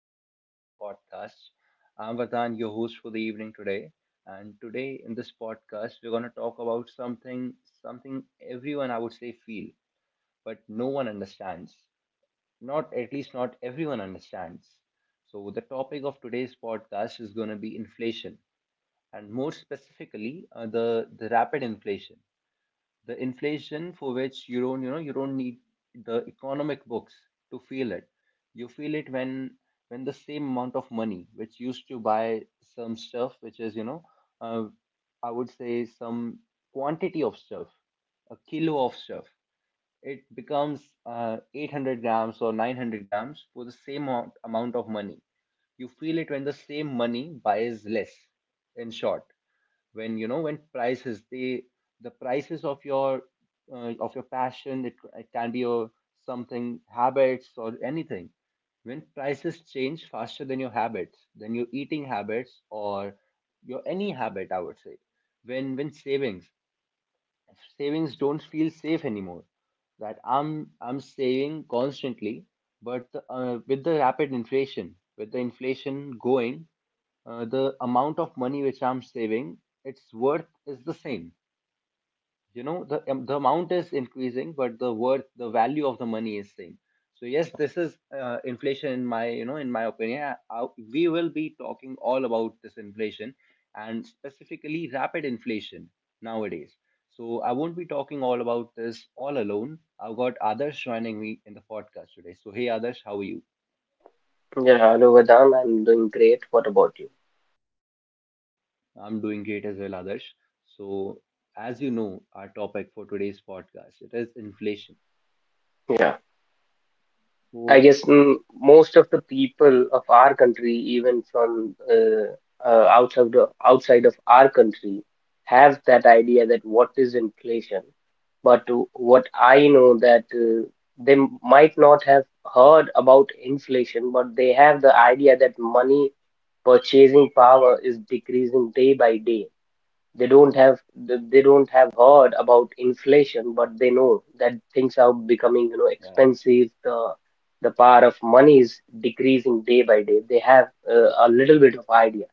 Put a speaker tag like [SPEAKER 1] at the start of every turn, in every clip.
[SPEAKER 1] welcome back to the podcast. I'm Vardhan, your host for the evening today. And today in this podcast, we're going to talk about something, something everyone I would say feel, but no one understands. Not at least not everyone understands. So the topic of today's podcast is going to be inflation, and more specifically, the rapid inflation, the inflation for which you don't need the economic books to feel it. You feel it when the same amount of money which used to buy some stuff which is you know, uh, I would say some quantity of stuff, a kilo of stuff, it becomes 800 grams or 900 grams for the same amount, of money. You feel it when the same money buys less. In short, when you know when prices they the prices of your passion, it can be your something, habits or anything, when prices change faster than your habits, than your eating habits or your any habit I would say, when when savings don't feel safe anymore. That I'm saving constantly, but with the rapid inflation, with the inflation going, the amount of money which I'm saving, its worth is the same. You know the amount is increasing but the worth, the value of the money is same. So yes, this is inflation in my you know in my opinion. We will be talking all about this inflation and specifically rapid inflation nowadays. So I won't be talking all about this all alone. I've got others joining me in the podcast today. So hey others, how are you?
[SPEAKER 2] Yeah, hello Vedant. I'm doing great. What about you?
[SPEAKER 1] I'm doing great as well, others. So as you know, our topic for today's podcast, it is inflation.
[SPEAKER 2] Yeah, I
[SPEAKER 1] So
[SPEAKER 2] guess most of the people of our country, even from outside of our country, have that idea that what is inflation. But what I know that they might not have heard about inflation, but they have the idea that money purchasing power is decreasing day by day. They don't have they don't have heard about inflation, but they know that things are becoming, you know,
[SPEAKER 1] yeah.
[SPEAKER 2] expensive. The power of money is decreasing day by day. They have a little bit of idea.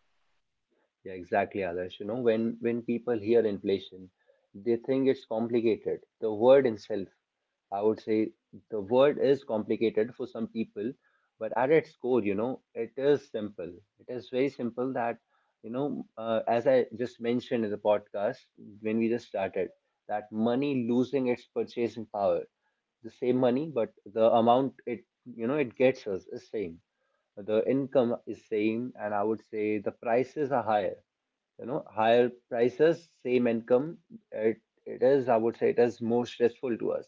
[SPEAKER 1] Yeah, exactly, Adarsh. You know, when people hear inflation, they think it's complicated. The word itself, I would say, the word is complicated for some people, but at its core, you know, it is simple. It is very simple that, you know, as I just mentioned in the podcast when we just started, that money losing its purchasing power, the same money but the amount it, you know it gets us is same, the income is same and I would say the prices are higher, you know, higher prices same income. it, it is I would say it is more stressful to us,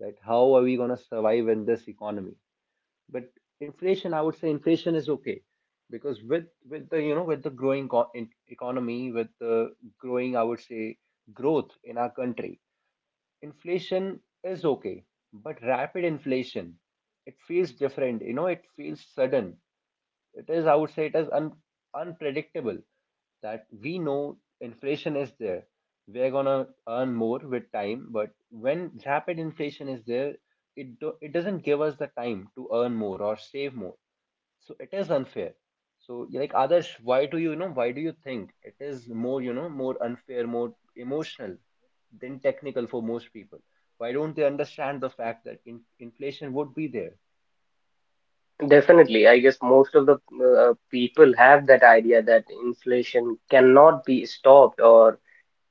[SPEAKER 1] that how are we going to survive in this economy. But inflation, I would say inflation is okay, because with the you know with the economy, with the growing I would say growth in our country, inflation is okay. But rapid inflation, it feels different, you know, it feels sudden. It is, I would say, it is un unpredictable. That we know inflation is there. We're gonna earn more with time, but when rapid inflation is there, it doesn't give us the time to earn more or save more. So it is unfair. So like Adarsh, why do you, you know why do you think it is more, you know, more unfair, more emotional than technical for most people? Why don't they understand the fact that inflation would be there?
[SPEAKER 2] Definitely, I guess most of the people have that idea that inflation cannot be stopped or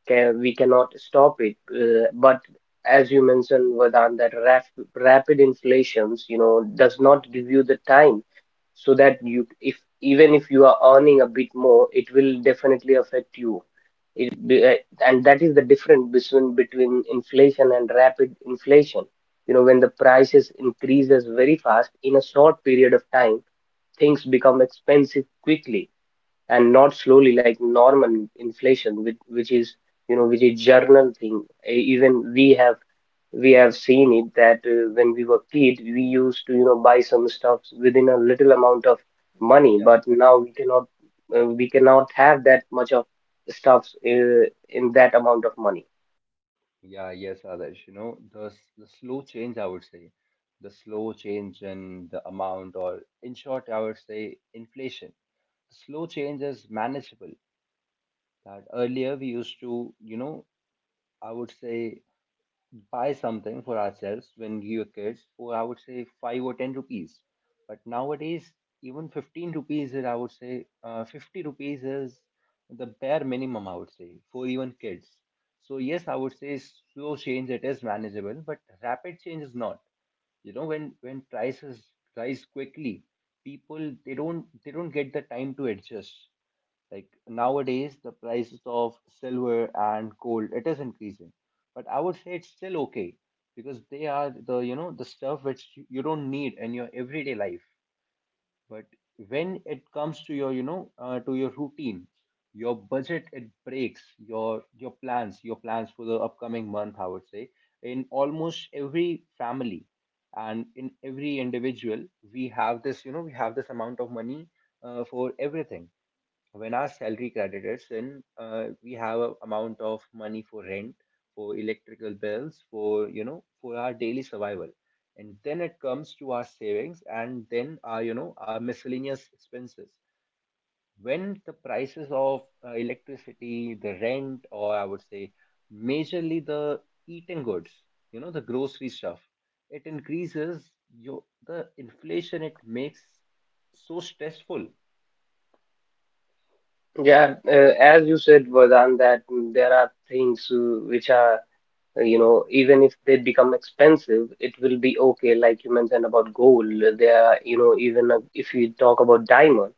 [SPEAKER 2] can, we cannot stop it. But as you mentioned, Vedant, that rapid inflations, you know, does not give you the time so that you if even if you are earning a bit more, it will definitely affect you. it be, eh, and that is the difference between inflation and rapid inflation. You know, when the prices increases very fast in a short period of time, things become expensive quickly and not slowly like normal inflation, which is, you know, which is journal thing. Even we have seen it that when we were kid, we used to, you know, buy some stuff within a little amount of money,
[SPEAKER 1] Yeah,
[SPEAKER 2] but now
[SPEAKER 1] exactly.
[SPEAKER 2] we cannot have that much of stuffs in that amount of money.
[SPEAKER 1] Yeah, yes, Adarsh. You know, the slow change, I would say, the slow change in the amount, or in short, I would say inflation. Slow change is manageable. That earlier we used to, you know, I would say buy something for ourselves when we were kids for I would say five or ten rupees. But nowadays, even 15 rupees is, I would say, 50 rupees is the bare minimum, I would say, for even kids. So, yes, I would say slow change, it is manageable, but rapid change is not. You know, when prices rise quickly, people, they don't get the time to adjust. Like nowadays, the prices of silver and gold, it is increasing. But I would say it's still okay because they are the, you know, the stuff which you don't need in your everyday life. But when it comes to your, you know, to your routine, your budget, it breaks your plans, your plans for the upcoming month, I would say, in almost every family and in every individual, we have this, you know, we have this amount of money for everything. When our salary creditors in, we have a amount of money for rent, for electrical bills, for you know, for our daily survival, and then it comes to our savings, and then our you know our miscellaneous expenses. When the prices of electricity, the rent, or I would say, majorly the eating goods, you know, the grocery stuff, it increases. Your the inflation it makes so stressful.
[SPEAKER 2] Yeah, as you said, Vardhan, that there are things which are. You know, even if they become expensive, it will be okay. Like you mentioned about gold, they are, you know, even if you talk about diamond,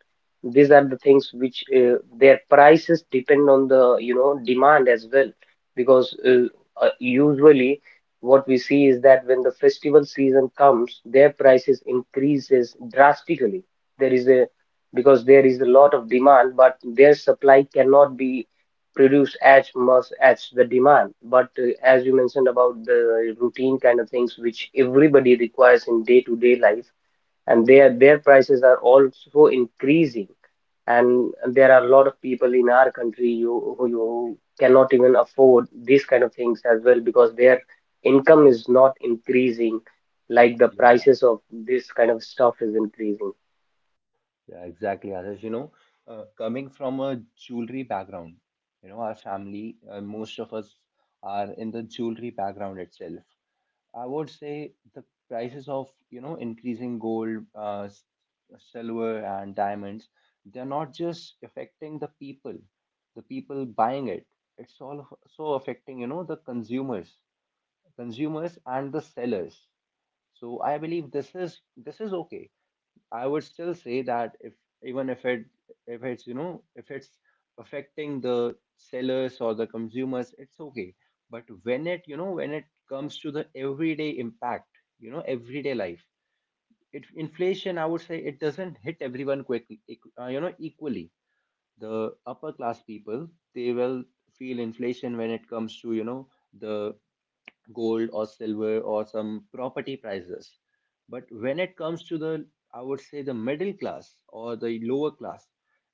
[SPEAKER 2] these are the things which their prices depend on the, you know, demand as well. Because usually what we see is that when the festival season comes, their prices increases drastically. There is a Because there is a lot of demand, but their supply cannot be produce as much as the demand. But as you mentioned about the routine kind of things which everybody requires in day-to-day life, and their prices are also increasing. And there are a lot of people in our country, you, who you cannot even afford these kind of things as well, because their income is not increasing like the prices of this kind of stuff is increasing.
[SPEAKER 1] Yeah, exactly, Adarsh. You know, coming from a jewelry background, you know, our family, most of us are in the jewelry background itself. I would say the prices of, you know, increasing gold, silver, and diamonds, they're not just affecting the people buying it. It's also affecting, you know, consumers and the sellers. So I believe this is okay. I would still say that if even if it, if it's you know if it's affecting the sellers or the consumers, it's okay. But when it you know when it comes to the everyday impact, you know everyday life, it inflation I would say it doesn't hit everyone quickly you know equally. The upper class people, they will feel inflation when it comes to you know the gold or silver or some property prices. But when it comes to the, I would say, the middle class or the lower class,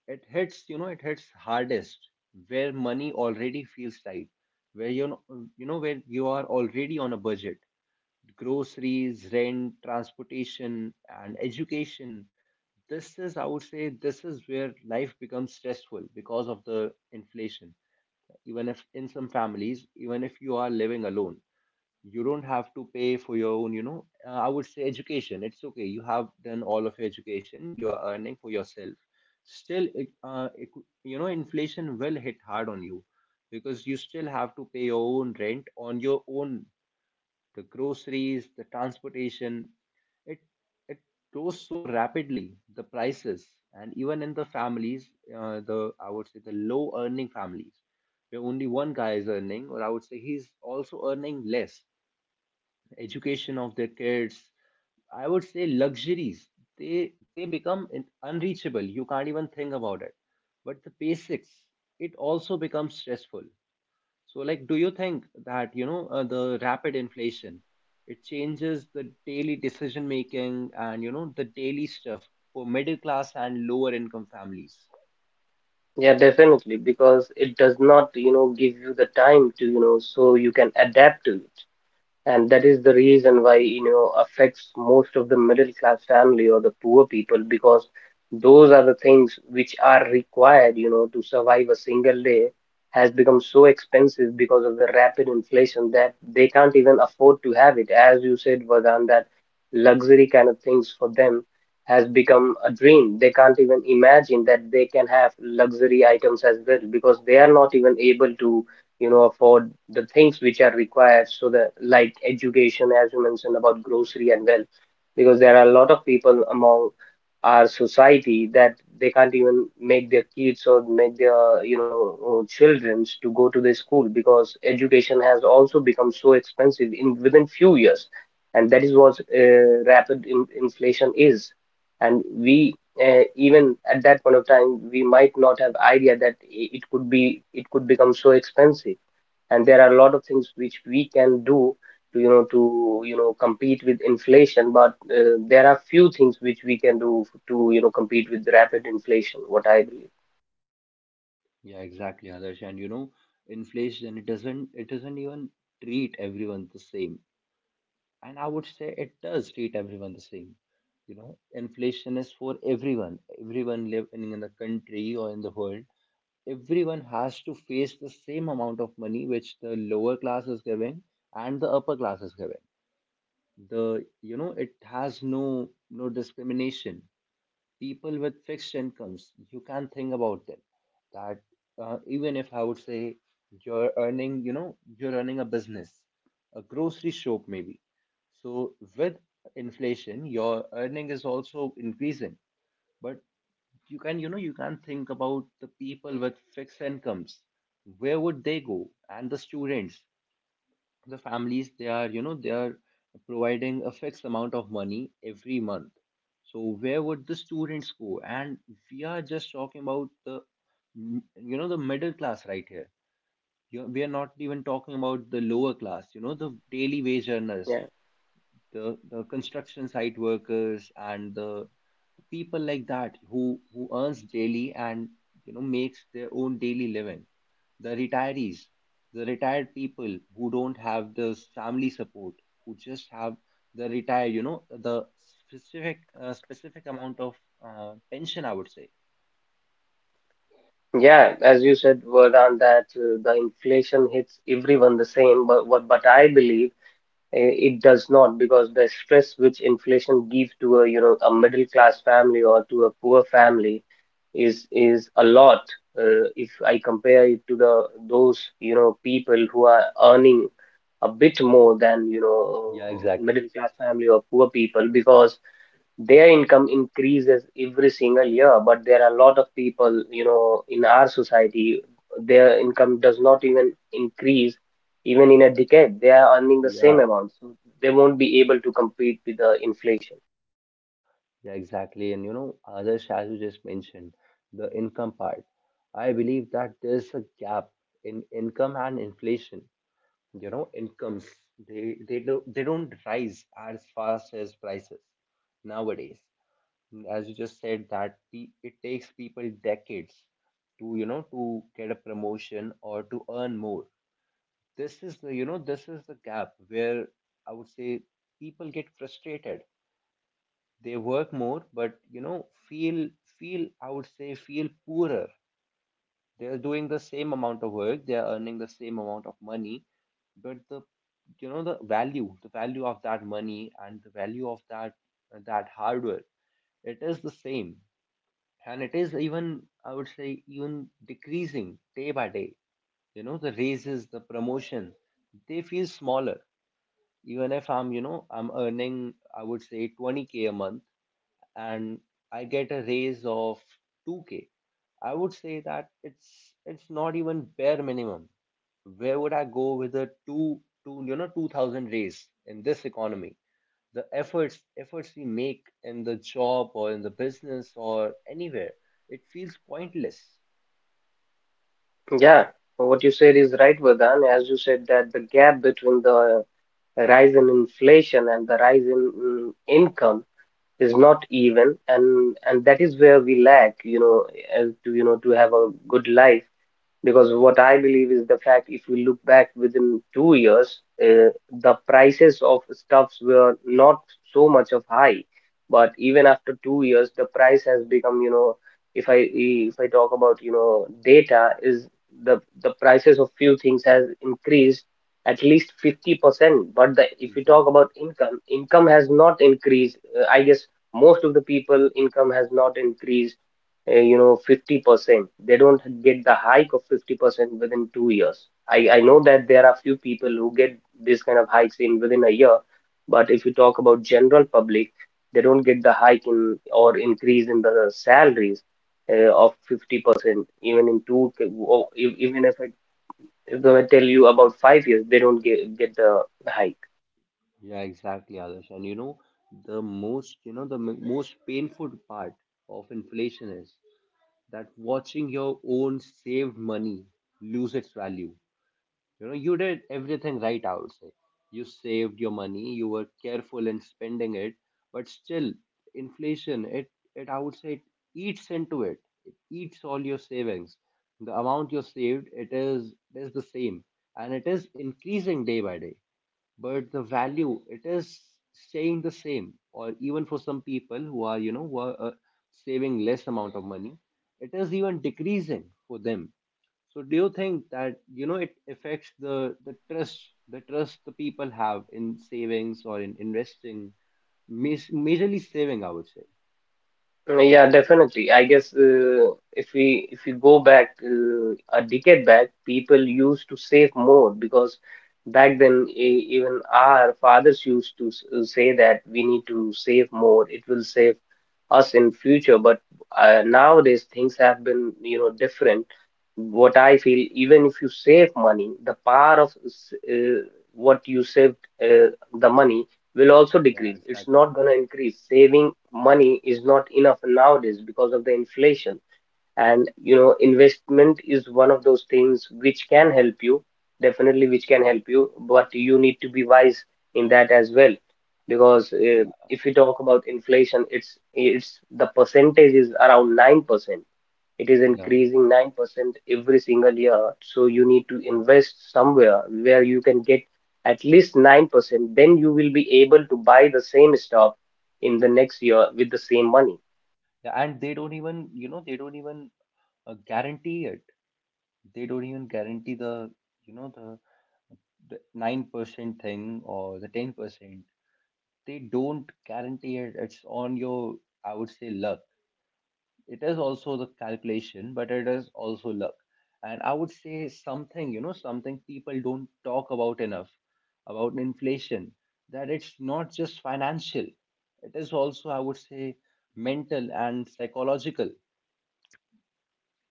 [SPEAKER 1] it hits, you know, it hits hardest where money already feels tight, where you know, where you are already on a budget. Groceries, rent, transportation, and education. This is, I would say, this is where life becomes stressful because of the inflation. Even if in some families, even if you are living alone, you don't have to pay for your own you know I would say education, it's okay, you have done all of your education, you are earning for yourself. Still you know inflation will hit hard on you because you still have to pay your own rent on your own, the groceries, the transportation, it it goes so rapidly the prices. And even in the families, the I would say the low earning families, where only one guy is earning or I would say he's also earning less, education of their kids, I would say luxuries. They become unreachable. You can't even think about it. But the basics, it also becomes stressful. So, like, do you think that you know the rapid inflation, it changes the daily decision making and you know the daily stuff for middle class and lower income families?
[SPEAKER 2] Yeah, definitely, because it does not, you know, give you the time to, you know, so you can adapt to it, and that is the reason why, you know, affects most of the middle class family or the poor people, because those are the things which are required, you know, to survive a single day, has become so expensive because of the rapid inflation, that they can't even afford to have it. As you said, Vardhan, that luxury kind of things for them has become a dream. They can't even imagine that they can have luxury items as well, because they are not even able to, you know, afford the things which are required, so that like education, as you mentioned, about grocery and well, because there are a lot of people among our society that they can't even make their kids or make their, you know, children to go to the school, because education has also become so expensive in within few years. And that is what rapid in, inflation is. And we even at that point of time we might not have idea that it could be, it could become so expensive. And there are a lot of things which we can do to, you know, to, you know, compete with inflation, but there are few things which we can do to, you know, compete with rapid inflation, what I believe.
[SPEAKER 1] Yeah, exactly, Adarsh. And you know, inflation it doesn't even treat everyone the same. And I would say it does treat everyone the same. You know, inflation is for everyone, everyone living in the country or in the world. Everyone has to face the same amount of money, which the lower class is giving and the upper class is giving. The you know it has no no discrimination. People with fixed incomes, you can think about them. That even if I would say you're earning, you know, you're running a business, a grocery shop maybe. So with inflation, your earning is also increasing. But you can, you know, you can think about the people with fixed incomes. Where would they go? And the students, the families, they are you know they are providing a fixed amount of money every month. So where would the students go? And we are just talking about the you know the middle class right here. You we are not even talking about the lower class, you know, the daily wage earners,
[SPEAKER 2] Yeah,
[SPEAKER 1] the construction site workers and the people like that who earns daily and you know makes their own daily living. The retirees, the retired people who don't have this family support, who just have you know, the specific specific amount of pension, I would say.
[SPEAKER 2] yeah, as you said, Vardhan, that the inflation hits everyone the same, but what, but I believe. It does not, because the stress which inflation gives to a, you know, a middle class family or to a poor family is a lot. If I compare it to the those, you know, people who are earning a bit more than, you know,
[SPEAKER 1] Yeah, exactly.
[SPEAKER 2] middle class family or poor people, because their income increases every single year, but there are a lot of people, you know, in our society their income does not even increase. Even in a decade they are earning the
[SPEAKER 1] Yeah,
[SPEAKER 2] same amount, so they won't be able to compete with the inflation.
[SPEAKER 1] yeah, exactly. And you know, Adarsh, as you just mentioned, the income part. I believe that there's a gap in income and inflation. You know, incomes they do they don't rise as fast as prices nowadays. As you just said that it takes people decades to you know to get a promotion or to earn more, this is the, gap where, I would say, people get frustrated. They work more, but, feel, I would say, feel poorer. They're doing the same amount of work, they're earning the same amount of money, but the, value, of that money, and the value of that hard work, it is the same. And it is, even, I would say, even decreasing day by day. The raises, the promotion, they feel smaller. Even if I'm, I'm earning, I would say, 20K a month, and I get a raise of 2K, I would say that it's not even bare minimum. Where would I go with a 2, 2, 2,000 raise in this economy? The efforts we make in the job or in the business or anywhere, it feels pointless.
[SPEAKER 2] Yeah, so what you said is right, Vedant. As you said that the gap between the rise in inflation and the rise in income is not even, and that is where we lack, you know, as to, you know, to have a good life, because what I believe is the fact, if we look back within 2 years, the prices of stuffs were not so much of high, but even after 2 years, the price has become, you know, if I talk about, you know, data is the prices of few things has increased at least 50%, but the if we talk
[SPEAKER 1] Exactly.
[SPEAKER 2] about income, income has not increased. I guess most of the people income has not increased, you know, 50%. They don't get the hike of 50% within 2 years. I know that there are few people who get this kind of hikes in within a year, but if you talk about general public, they don't get the hike in or increase in the salaries of 50% even in two, or even if I tell you about 5 years, they don't get the hike.
[SPEAKER 1] Yeah, exactly, others, and the most, you know the most painful part of inflation is that, watching your own saved money lose its value. You did everything right, I would say. You saved your money, you were careful in spending it, but still, inflation, it, I would say, it eats into it. It eats all your savings. The amount you saved, it is the same, and it is increasing day by day. But the value, it is staying the same. Or even for some people who are, saving less amount of money, it is even decreasing for them. So do you think that, it affects the trust, the people have in savings or in investing, majorly saving, I would say?
[SPEAKER 2] Yeah, definitely. I guess if we go back a decade back, people used to save more, because back then even our fathers used to say that we need to save more. It will save us in future. But nowadays things have been, you know, different. What I feel, even if you save money, the power of what you saved uh, the money will also
[SPEAKER 1] Yeah,
[SPEAKER 2] decrease. It's
[SPEAKER 1] exactly.
[SPEAKER 2] not going to increase. Saving money is not enough nowadays because of the inflation. And you know, investment is one of those things which can help you, definitely, which can help you, but you need to be wise in that as well, because
[SPEAKER 1] Yeah,
[SPEAKER 2] if we talk about inflation, it's the percentage is around 9%. It is
[SPEAKER 1] yeah,
[SPEAKER 2] increasing
[SPEAKER 1] exactly.
[SPEAKER 2] 9% every single year, so you need to invest somewhere where you can get at least 9%. Then you will be able to buy the same stuff in the next year with the same money.
[SPEAKER 1] Yeah, and they don't even, guarantee it. They don't even guarantee the, you know the 9% thing, or the 10%. They don't guarantee it. It's on your, I would say, luck. It is also the calculation, but it is also luck. And I would say something, people don't talk about enough about inflation, that it's not just financial. It is also, I would say, mental and psychological.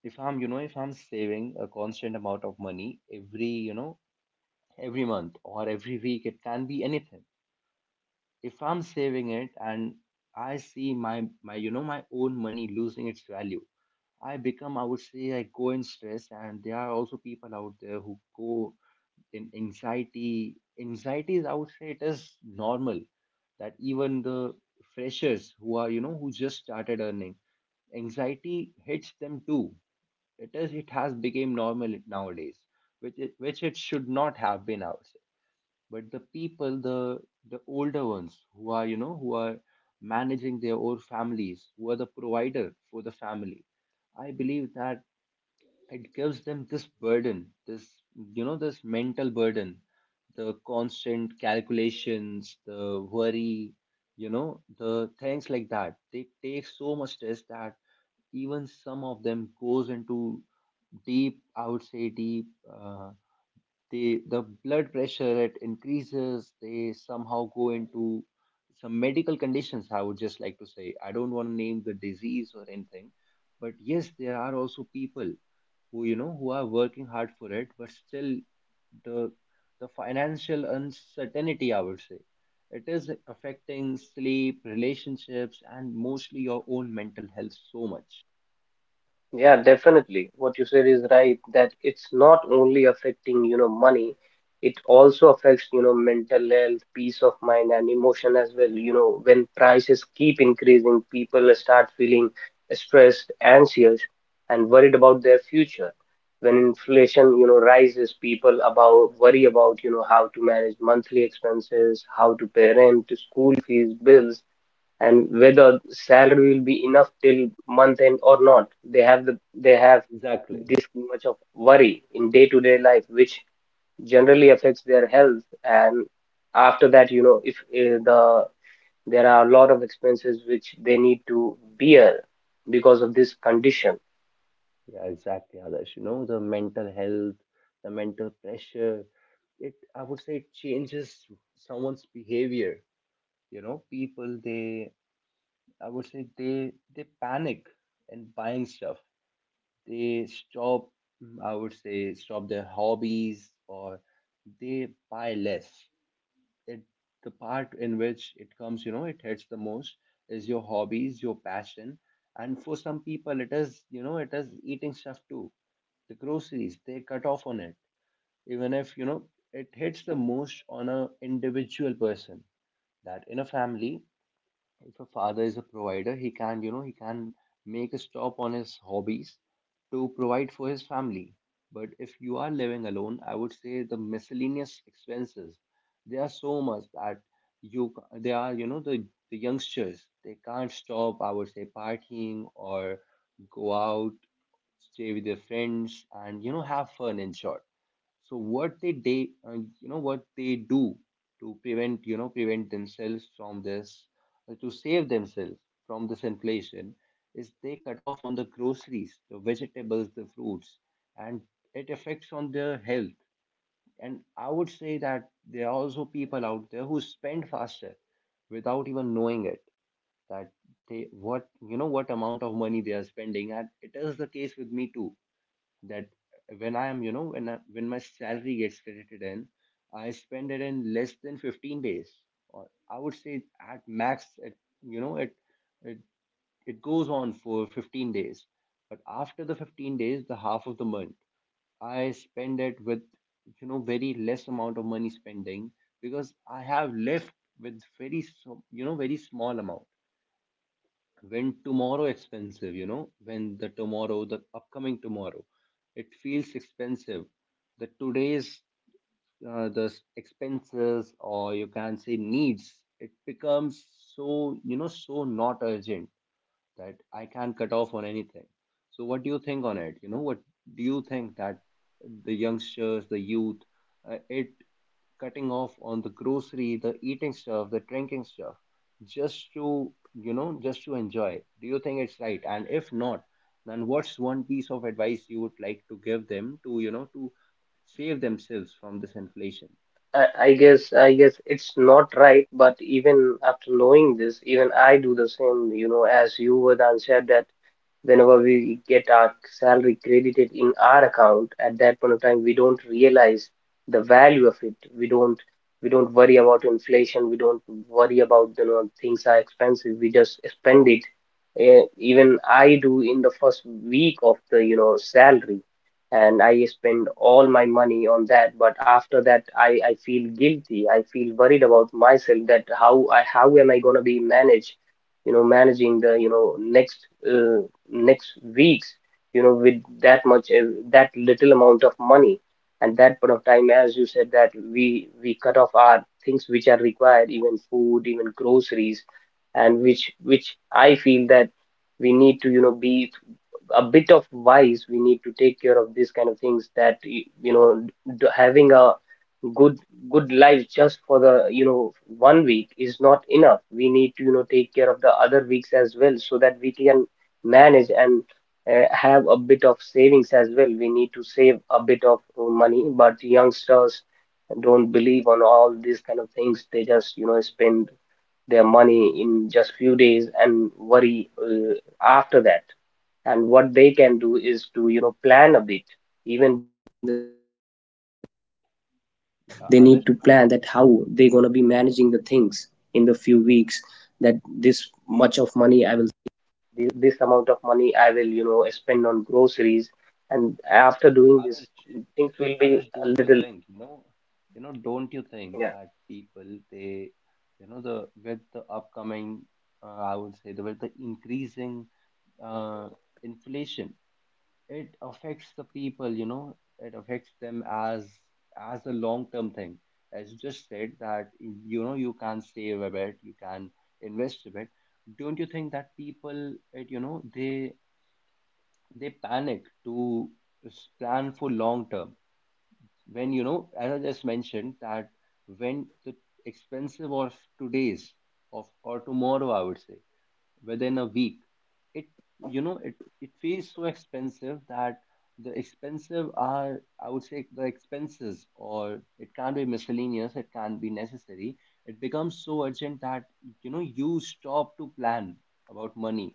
[SPEAKER 1] If I'm, saving a constant amount of money every, month or every week, it can be anything. If I'm saving it and I see my, own money losing its value, I become, I would say, I go in stress, and there are also people out there who go in anxiety. Anxiety is, I would say, it is normal that even the freshers who are, who just started earning, anxiety hits them too. It has become normal nowadays, which which it should not have been, I would say. But the people, the older ones who are, who are managing their own families, who are the provider for the family. I believe that it gives them this burden, this you know this mental burden, the constant calculations, the worry, the things like that. They take so much stress that even some of them goes into deep, I would say, deep, uh, the blood pressure, it increases, they somehow go into some medical conditions. I would just like to say, I don't want to name the disease or anything, but yes, there are also people who, who are working hard for it, but still the, financial uncertainty, I would say, it is affecting sleep, relationships and mostly your own mental health so much.
[SPEAKER 2] Yeah, definitely. What you said is right, that it's not only affecting, you know, money, it also affects, you know, mental health, peace of mind, and emotion as well. You know, when prices keep increasing, people start feeling stressed, anxious, and worried about their future. When inflation, you know, rises, people about worry about, you know, how to manage monthly expenses, how to pay rent, school fees, bills, and whether salary will be enough till month end or not. They have the they have
[SPEAKER 1] Exactly.
[SPEAKER 2] this much of worry in day-to-day life, which generally affects their health. And after that, you know, if the there are a lot of expenses which they need to bear because of this condition.
[SPEAKER 1] Yeah, exactly, others, the mental health, the mental pressure, it I would say, it changes someone's behavior. People, they, I would say, they panic in buying stuff. They stop, I would say, stop their hobbies, or they buy less. It The part in which it comes, it hits the most, is your hobbies, your passion. And for some people it is, it is eating stuff too. The groceries, they cut off on it. Even if, it hits the most on a individual person, that in a family, if a father is a provider, he can, he can make a stop on his hobbies to provide for his family. But if you are living alone, I would say, the miscellaneous expenses, they are so much that, they are, the youngsters, they can't stop, I would say, partying, or go out, stay with their friends, and, have fun, in short. So what, they you know what they do to prevent, prevent themselves from this, to save themselves from this inflation, is, they cut off on the groceries, the vegetables, the fruits, and it affects on their health. And I would say that there are also people out there who spend faster without even knowing it, that they, what you know what amount of money they are spending, and it is the case with me too, that when I am, when my salary gets credited in, I spend it in less than 15 days, or I would say at max, it, you know, it it goes on for 15 days. But after the 15 days, the half of the month, I spend it with, very less amount of money spending, because I have left with, very, so, you know, very small amount. When, tomorrow expensive you know when the tomorrow the upcoming tomorrow, it feels expensive, the today's, expenses, or you can say needs, it becomes so, so not urgent, that I can't cut off on anything. So what do you think on it? What do you think that the youngsters, the youth, it cutting off on the grocery, the eating stuff, the drinking stuff, just to, enjoy? Do you think it's right? And if not, then what's one piece of advice you would like to give them to, save themselves from this inflation?
[SPEAKER 2] I guess it's not right, but even after knowing this, even I do the same. You know, as you were said that whenever we get our salary credited in our account at that point of time we don't realize the value of it, we don't worry about inflation, we don't worry about, you know, things are expensive, we just spend it. Even I do in the first week of the, you know, salary, and I spend all my money on that. But after that, I feel guilty, I feel worried about myself, that how am I going to be managed, you know, managing the, you know, next uh, next weeks, you know, with that much, that little amount of money. And that point of time, as you said that we cut off our things which are required, even food, even groceries. And which I feel that we need to, you know, be a bit of wise. We need to take care of these kind of things, that you know, having a good good life just for the, you know, one week is not enough. We need to, you know, take care of the other weeks as well, so that we can manage, and have a bit of savings as well. We need to save a bit of money. But youngsters don't believe on all these kind of things, they just, you know, spend their money in just few days and worry, after that. And what they can do is to, you know, plan a bit,
[SPEAKER 1] Others,
[SPEAKER 2] know spend on groceries, and after
[SPEAKER 1] but,
[SPEAKER 2] doing this
[SPEAKER 1] others
[SPEAKER 2] things will be
[SPEAKER 1] Others,
[SPEAKER 2] a
[SPEAKER 1] don't you
[SPEAKER 2] little,
[SPEAKER 1] think? Don't you
[SPEAKER 2] yeah.
[SPEAKER 1] think that people, they, you know, the with the upcoming, I would say, the with the increasing, uh, inflation, it affects the people. You know, it affects them as, a long term thing. As you just said that, you can save a bit, you can invest a bit. Don't you think that people, it you know, they panic to, plan for long term, when, as I just mentioned, that when the expensive of today's, of or tomorrow, I would say, within a week, it you know it it feels so expensive, that the expensive are I would say, the expenses, or it can be miscellaneous, it can be necessary, it becomes so urgent that, you stop to plan about money.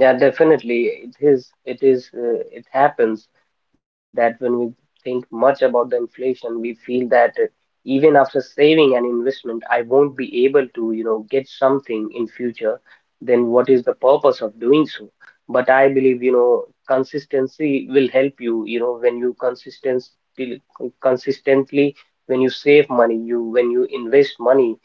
[SPEAKER 2] Yeah, definitely. It happens that when we think much about the inflation, we feel that, even after saving an investment, I won't be able to, you know, get something in future. Then what is the purpose of doing so? But I believe, you know, consistency will help you. You know, when you consistently, when you save money, you, when you invest money,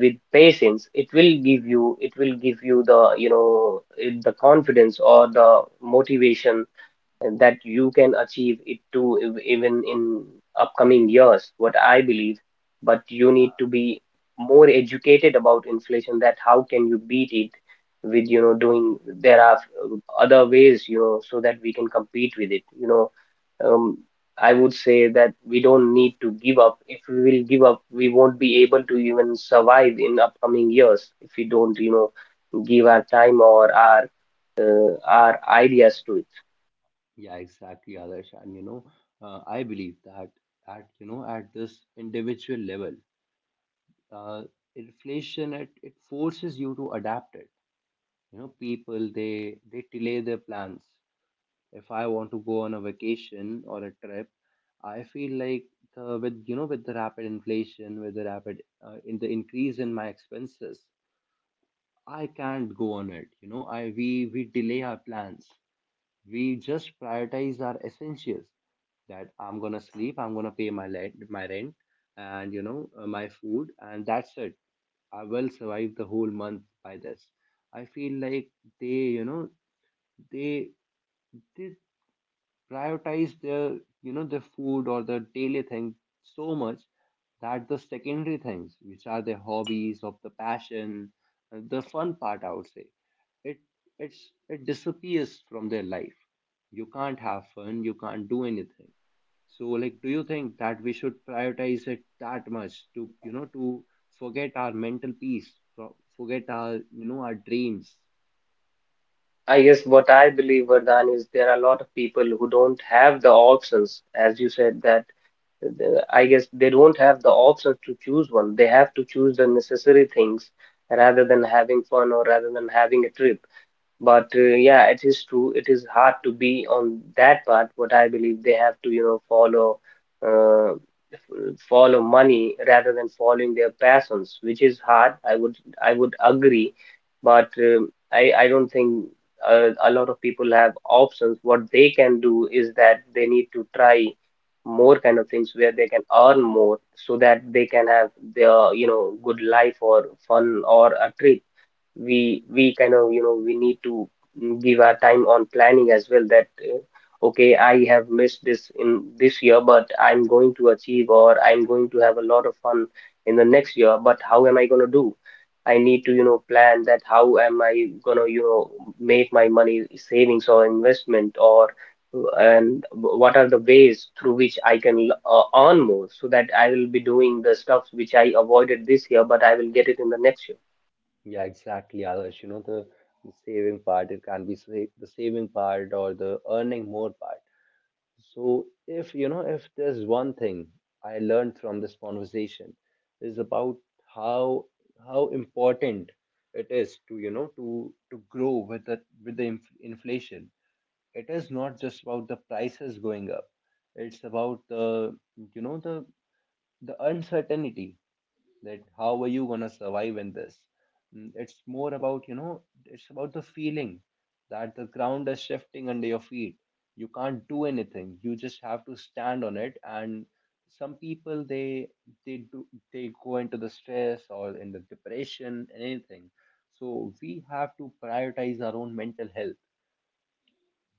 [SPEAKER 2] with patience it will give you, it will give you the, you know, the confidence or the motivation, and that you can achieve it too, even in upcoming years, what I believe. But you need to be more educated about inflation, that how can you beat it, with, you know, doing there are, uh, other ways, you know, so that we can compete with it, you know. um, I would say that we don't need to give up. If we will give up, we won't be able to even survive in upcoming years, if we don't, you know, give our time or our, our ideas to it.
[SPEAKER 1] Yeah, exactly, others, and, I believe that at, at this individual level, uh, inflation, it forces you to adapt it. People, they delay their plans. If I want to go on a vacation or a trip, I feel like, the, with you know with the rapid inflation, with the rapid in the increase in my expenses, I can't go on it. You know, I we delay our plans. We just prioritize our essentials, that I'm gonna sleep, I'm gonna pay my light, my rent, and, my food, and that's it. I will survive the whole month by this. I feel like, they, you know, they they prioritize their food, or their daily thing, so much that the secondary things, which are their hobbies of the passion, the fun part, I would say, it it disappears from their life. You can't have fun. You can't do anything. So, like, do you think that we should prioritize it that much, to, forget our mental peace, forget our dreams?
[SPEAKER 2] I guess what I believe, Vardhan, is there are a lot of people who don't have the options, as you said, that, I guess they don't have the options to choose one. They have to choose the necessary things rather than having fun or rather than having a trip. But yeah, it is true. It is hard to be on that part. What I believe, they have to, you know, follow, uh, follow money rather than following their passions, which is hard. I would agree, but I don't think, a lot of people have options. What they can do is that they need to try more kind of things where they can earn more, so that they can have their, you know, good life or fun or a trip. We kind of, you know, we need to give our time on planning as well, that, okay, I have missed this in this year, but I'm going to achieve, or I'm going to have a lot of fun in the next year. But how am I going to do? I need to, you know, plan that, how am I going to, you know, make my money savings or investment, or and what are the ways through which I can earn more, so that I will be doing the stuff which I avoided this year, but I will get it in the next
[SPEAKER 1] Yeah, exactly, Adarsh. The saving part, it can be, the saving part, or the earning more part. So, if, there's one thing I learned from this conversation, is about how, important it is to, grow with the, inflation. It is not just about the prices going up. It's about the, you know the uncertainty, that how are you going to survive in this? It's more about, it's about the feeling, that the ground is shifting under your feet. You can't do anything. You just have to stand on it. And some people, they do they go into the stress, or in the depression, and anything. So we have to prioritize our own mental health.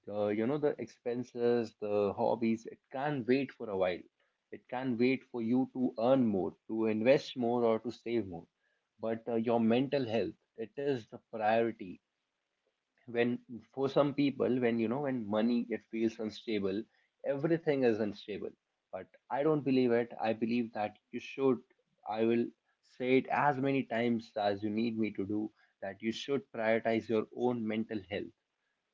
[SPEAKER 1] The expenses, the hobbies, it can wait for a while. It can wait for you to earn more, to invest more, or to save more. But, your mental health, it is the priority. When, for some people when you know when money, it feels unstable, everything is unstable. But I don't believe it. I believe that you should, I will say it as many times as you need me to, do that you should prioritize your own mental health.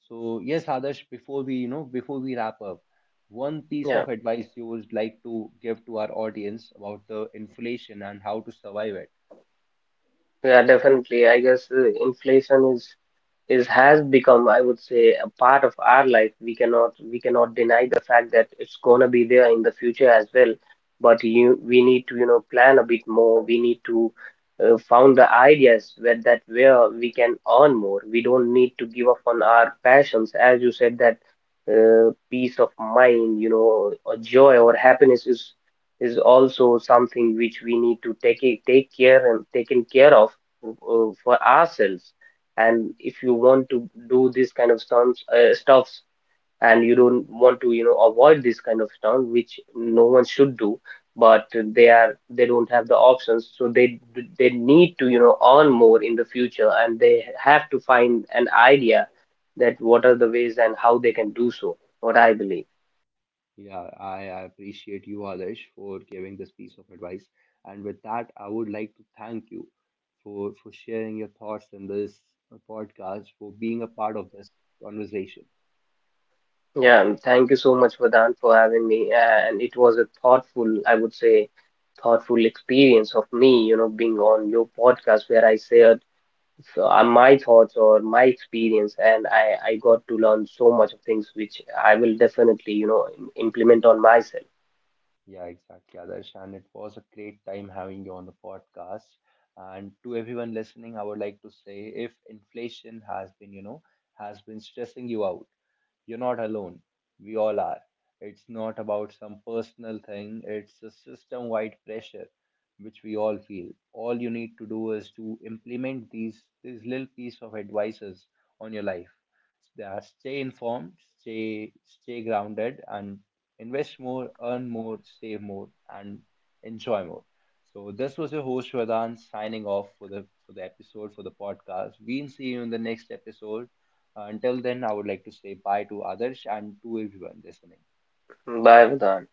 [SPEAKER 1] So yes, Adarsh, before we, you know, before we wrap up, one piece of
[SPEAKER 2] year.
[SPEAKER 1] advice you would like to give to our audience about the inflation and how to survive it.
[SPEAKER 2] Yeah, definitely. I guess, inflation is has become, I would say, a part of our life. We cannot deny the fact that it's gonna be there in the future as well. But you, we need to, you know, plan a bit more. We need to, found the ideas where, that where we can earn more. We don't need to give up on our passions, as you said that, peace of mind, you know, or joy or happiness is also something which we need to take it, take care and taken care of, for ourselves. And if you want to do this kind of stunts, stuffs, and you don't want to, you know, avoid this kind of stunt, which no one should do, but they are, they don't have the options, so they need to, you know, earn more in the future, and they have to find an idea, that what are the ways and how they can do so, what I believe.
[SPEAKER 1] Yeah, I appreciate you, Adarsh, for giving this piece of advice. And with that, I would like to thank you for sharing your thoughts in this podcast, for being a part of this conversation.
[SPEAKER 2] Yeah, and thank you so much, Vedant, for having me. And it was a thoughtful, I would say, thoughtful experience of me, you know, being on your podcast, where I shared so, my thoughts or my experience, and I got to learn so much of things, which I will definitely, you know, implement on myself.
[SPEAKER 1] Yeah, exactly, Adarsh. And it was a great time having you on the podcast. And to everyone listening, I would like to say, if inflation has been, has been stressing you out, you're not alone. We all are. It's not about some personal thing, it's a system wide pressure which we all feel. All you need to do is to implement these little piece of advices on your life. They are, stay informed, stay grounded, and invest more, earn more, save more, and enjoy more. So this was your host Vedan, signing off for the, episode, for the podcast. We'll see you in the next episode. Until then, I would like to say bye to others and to everyone listening.
[SPEAKER 2] Bye, Vedant.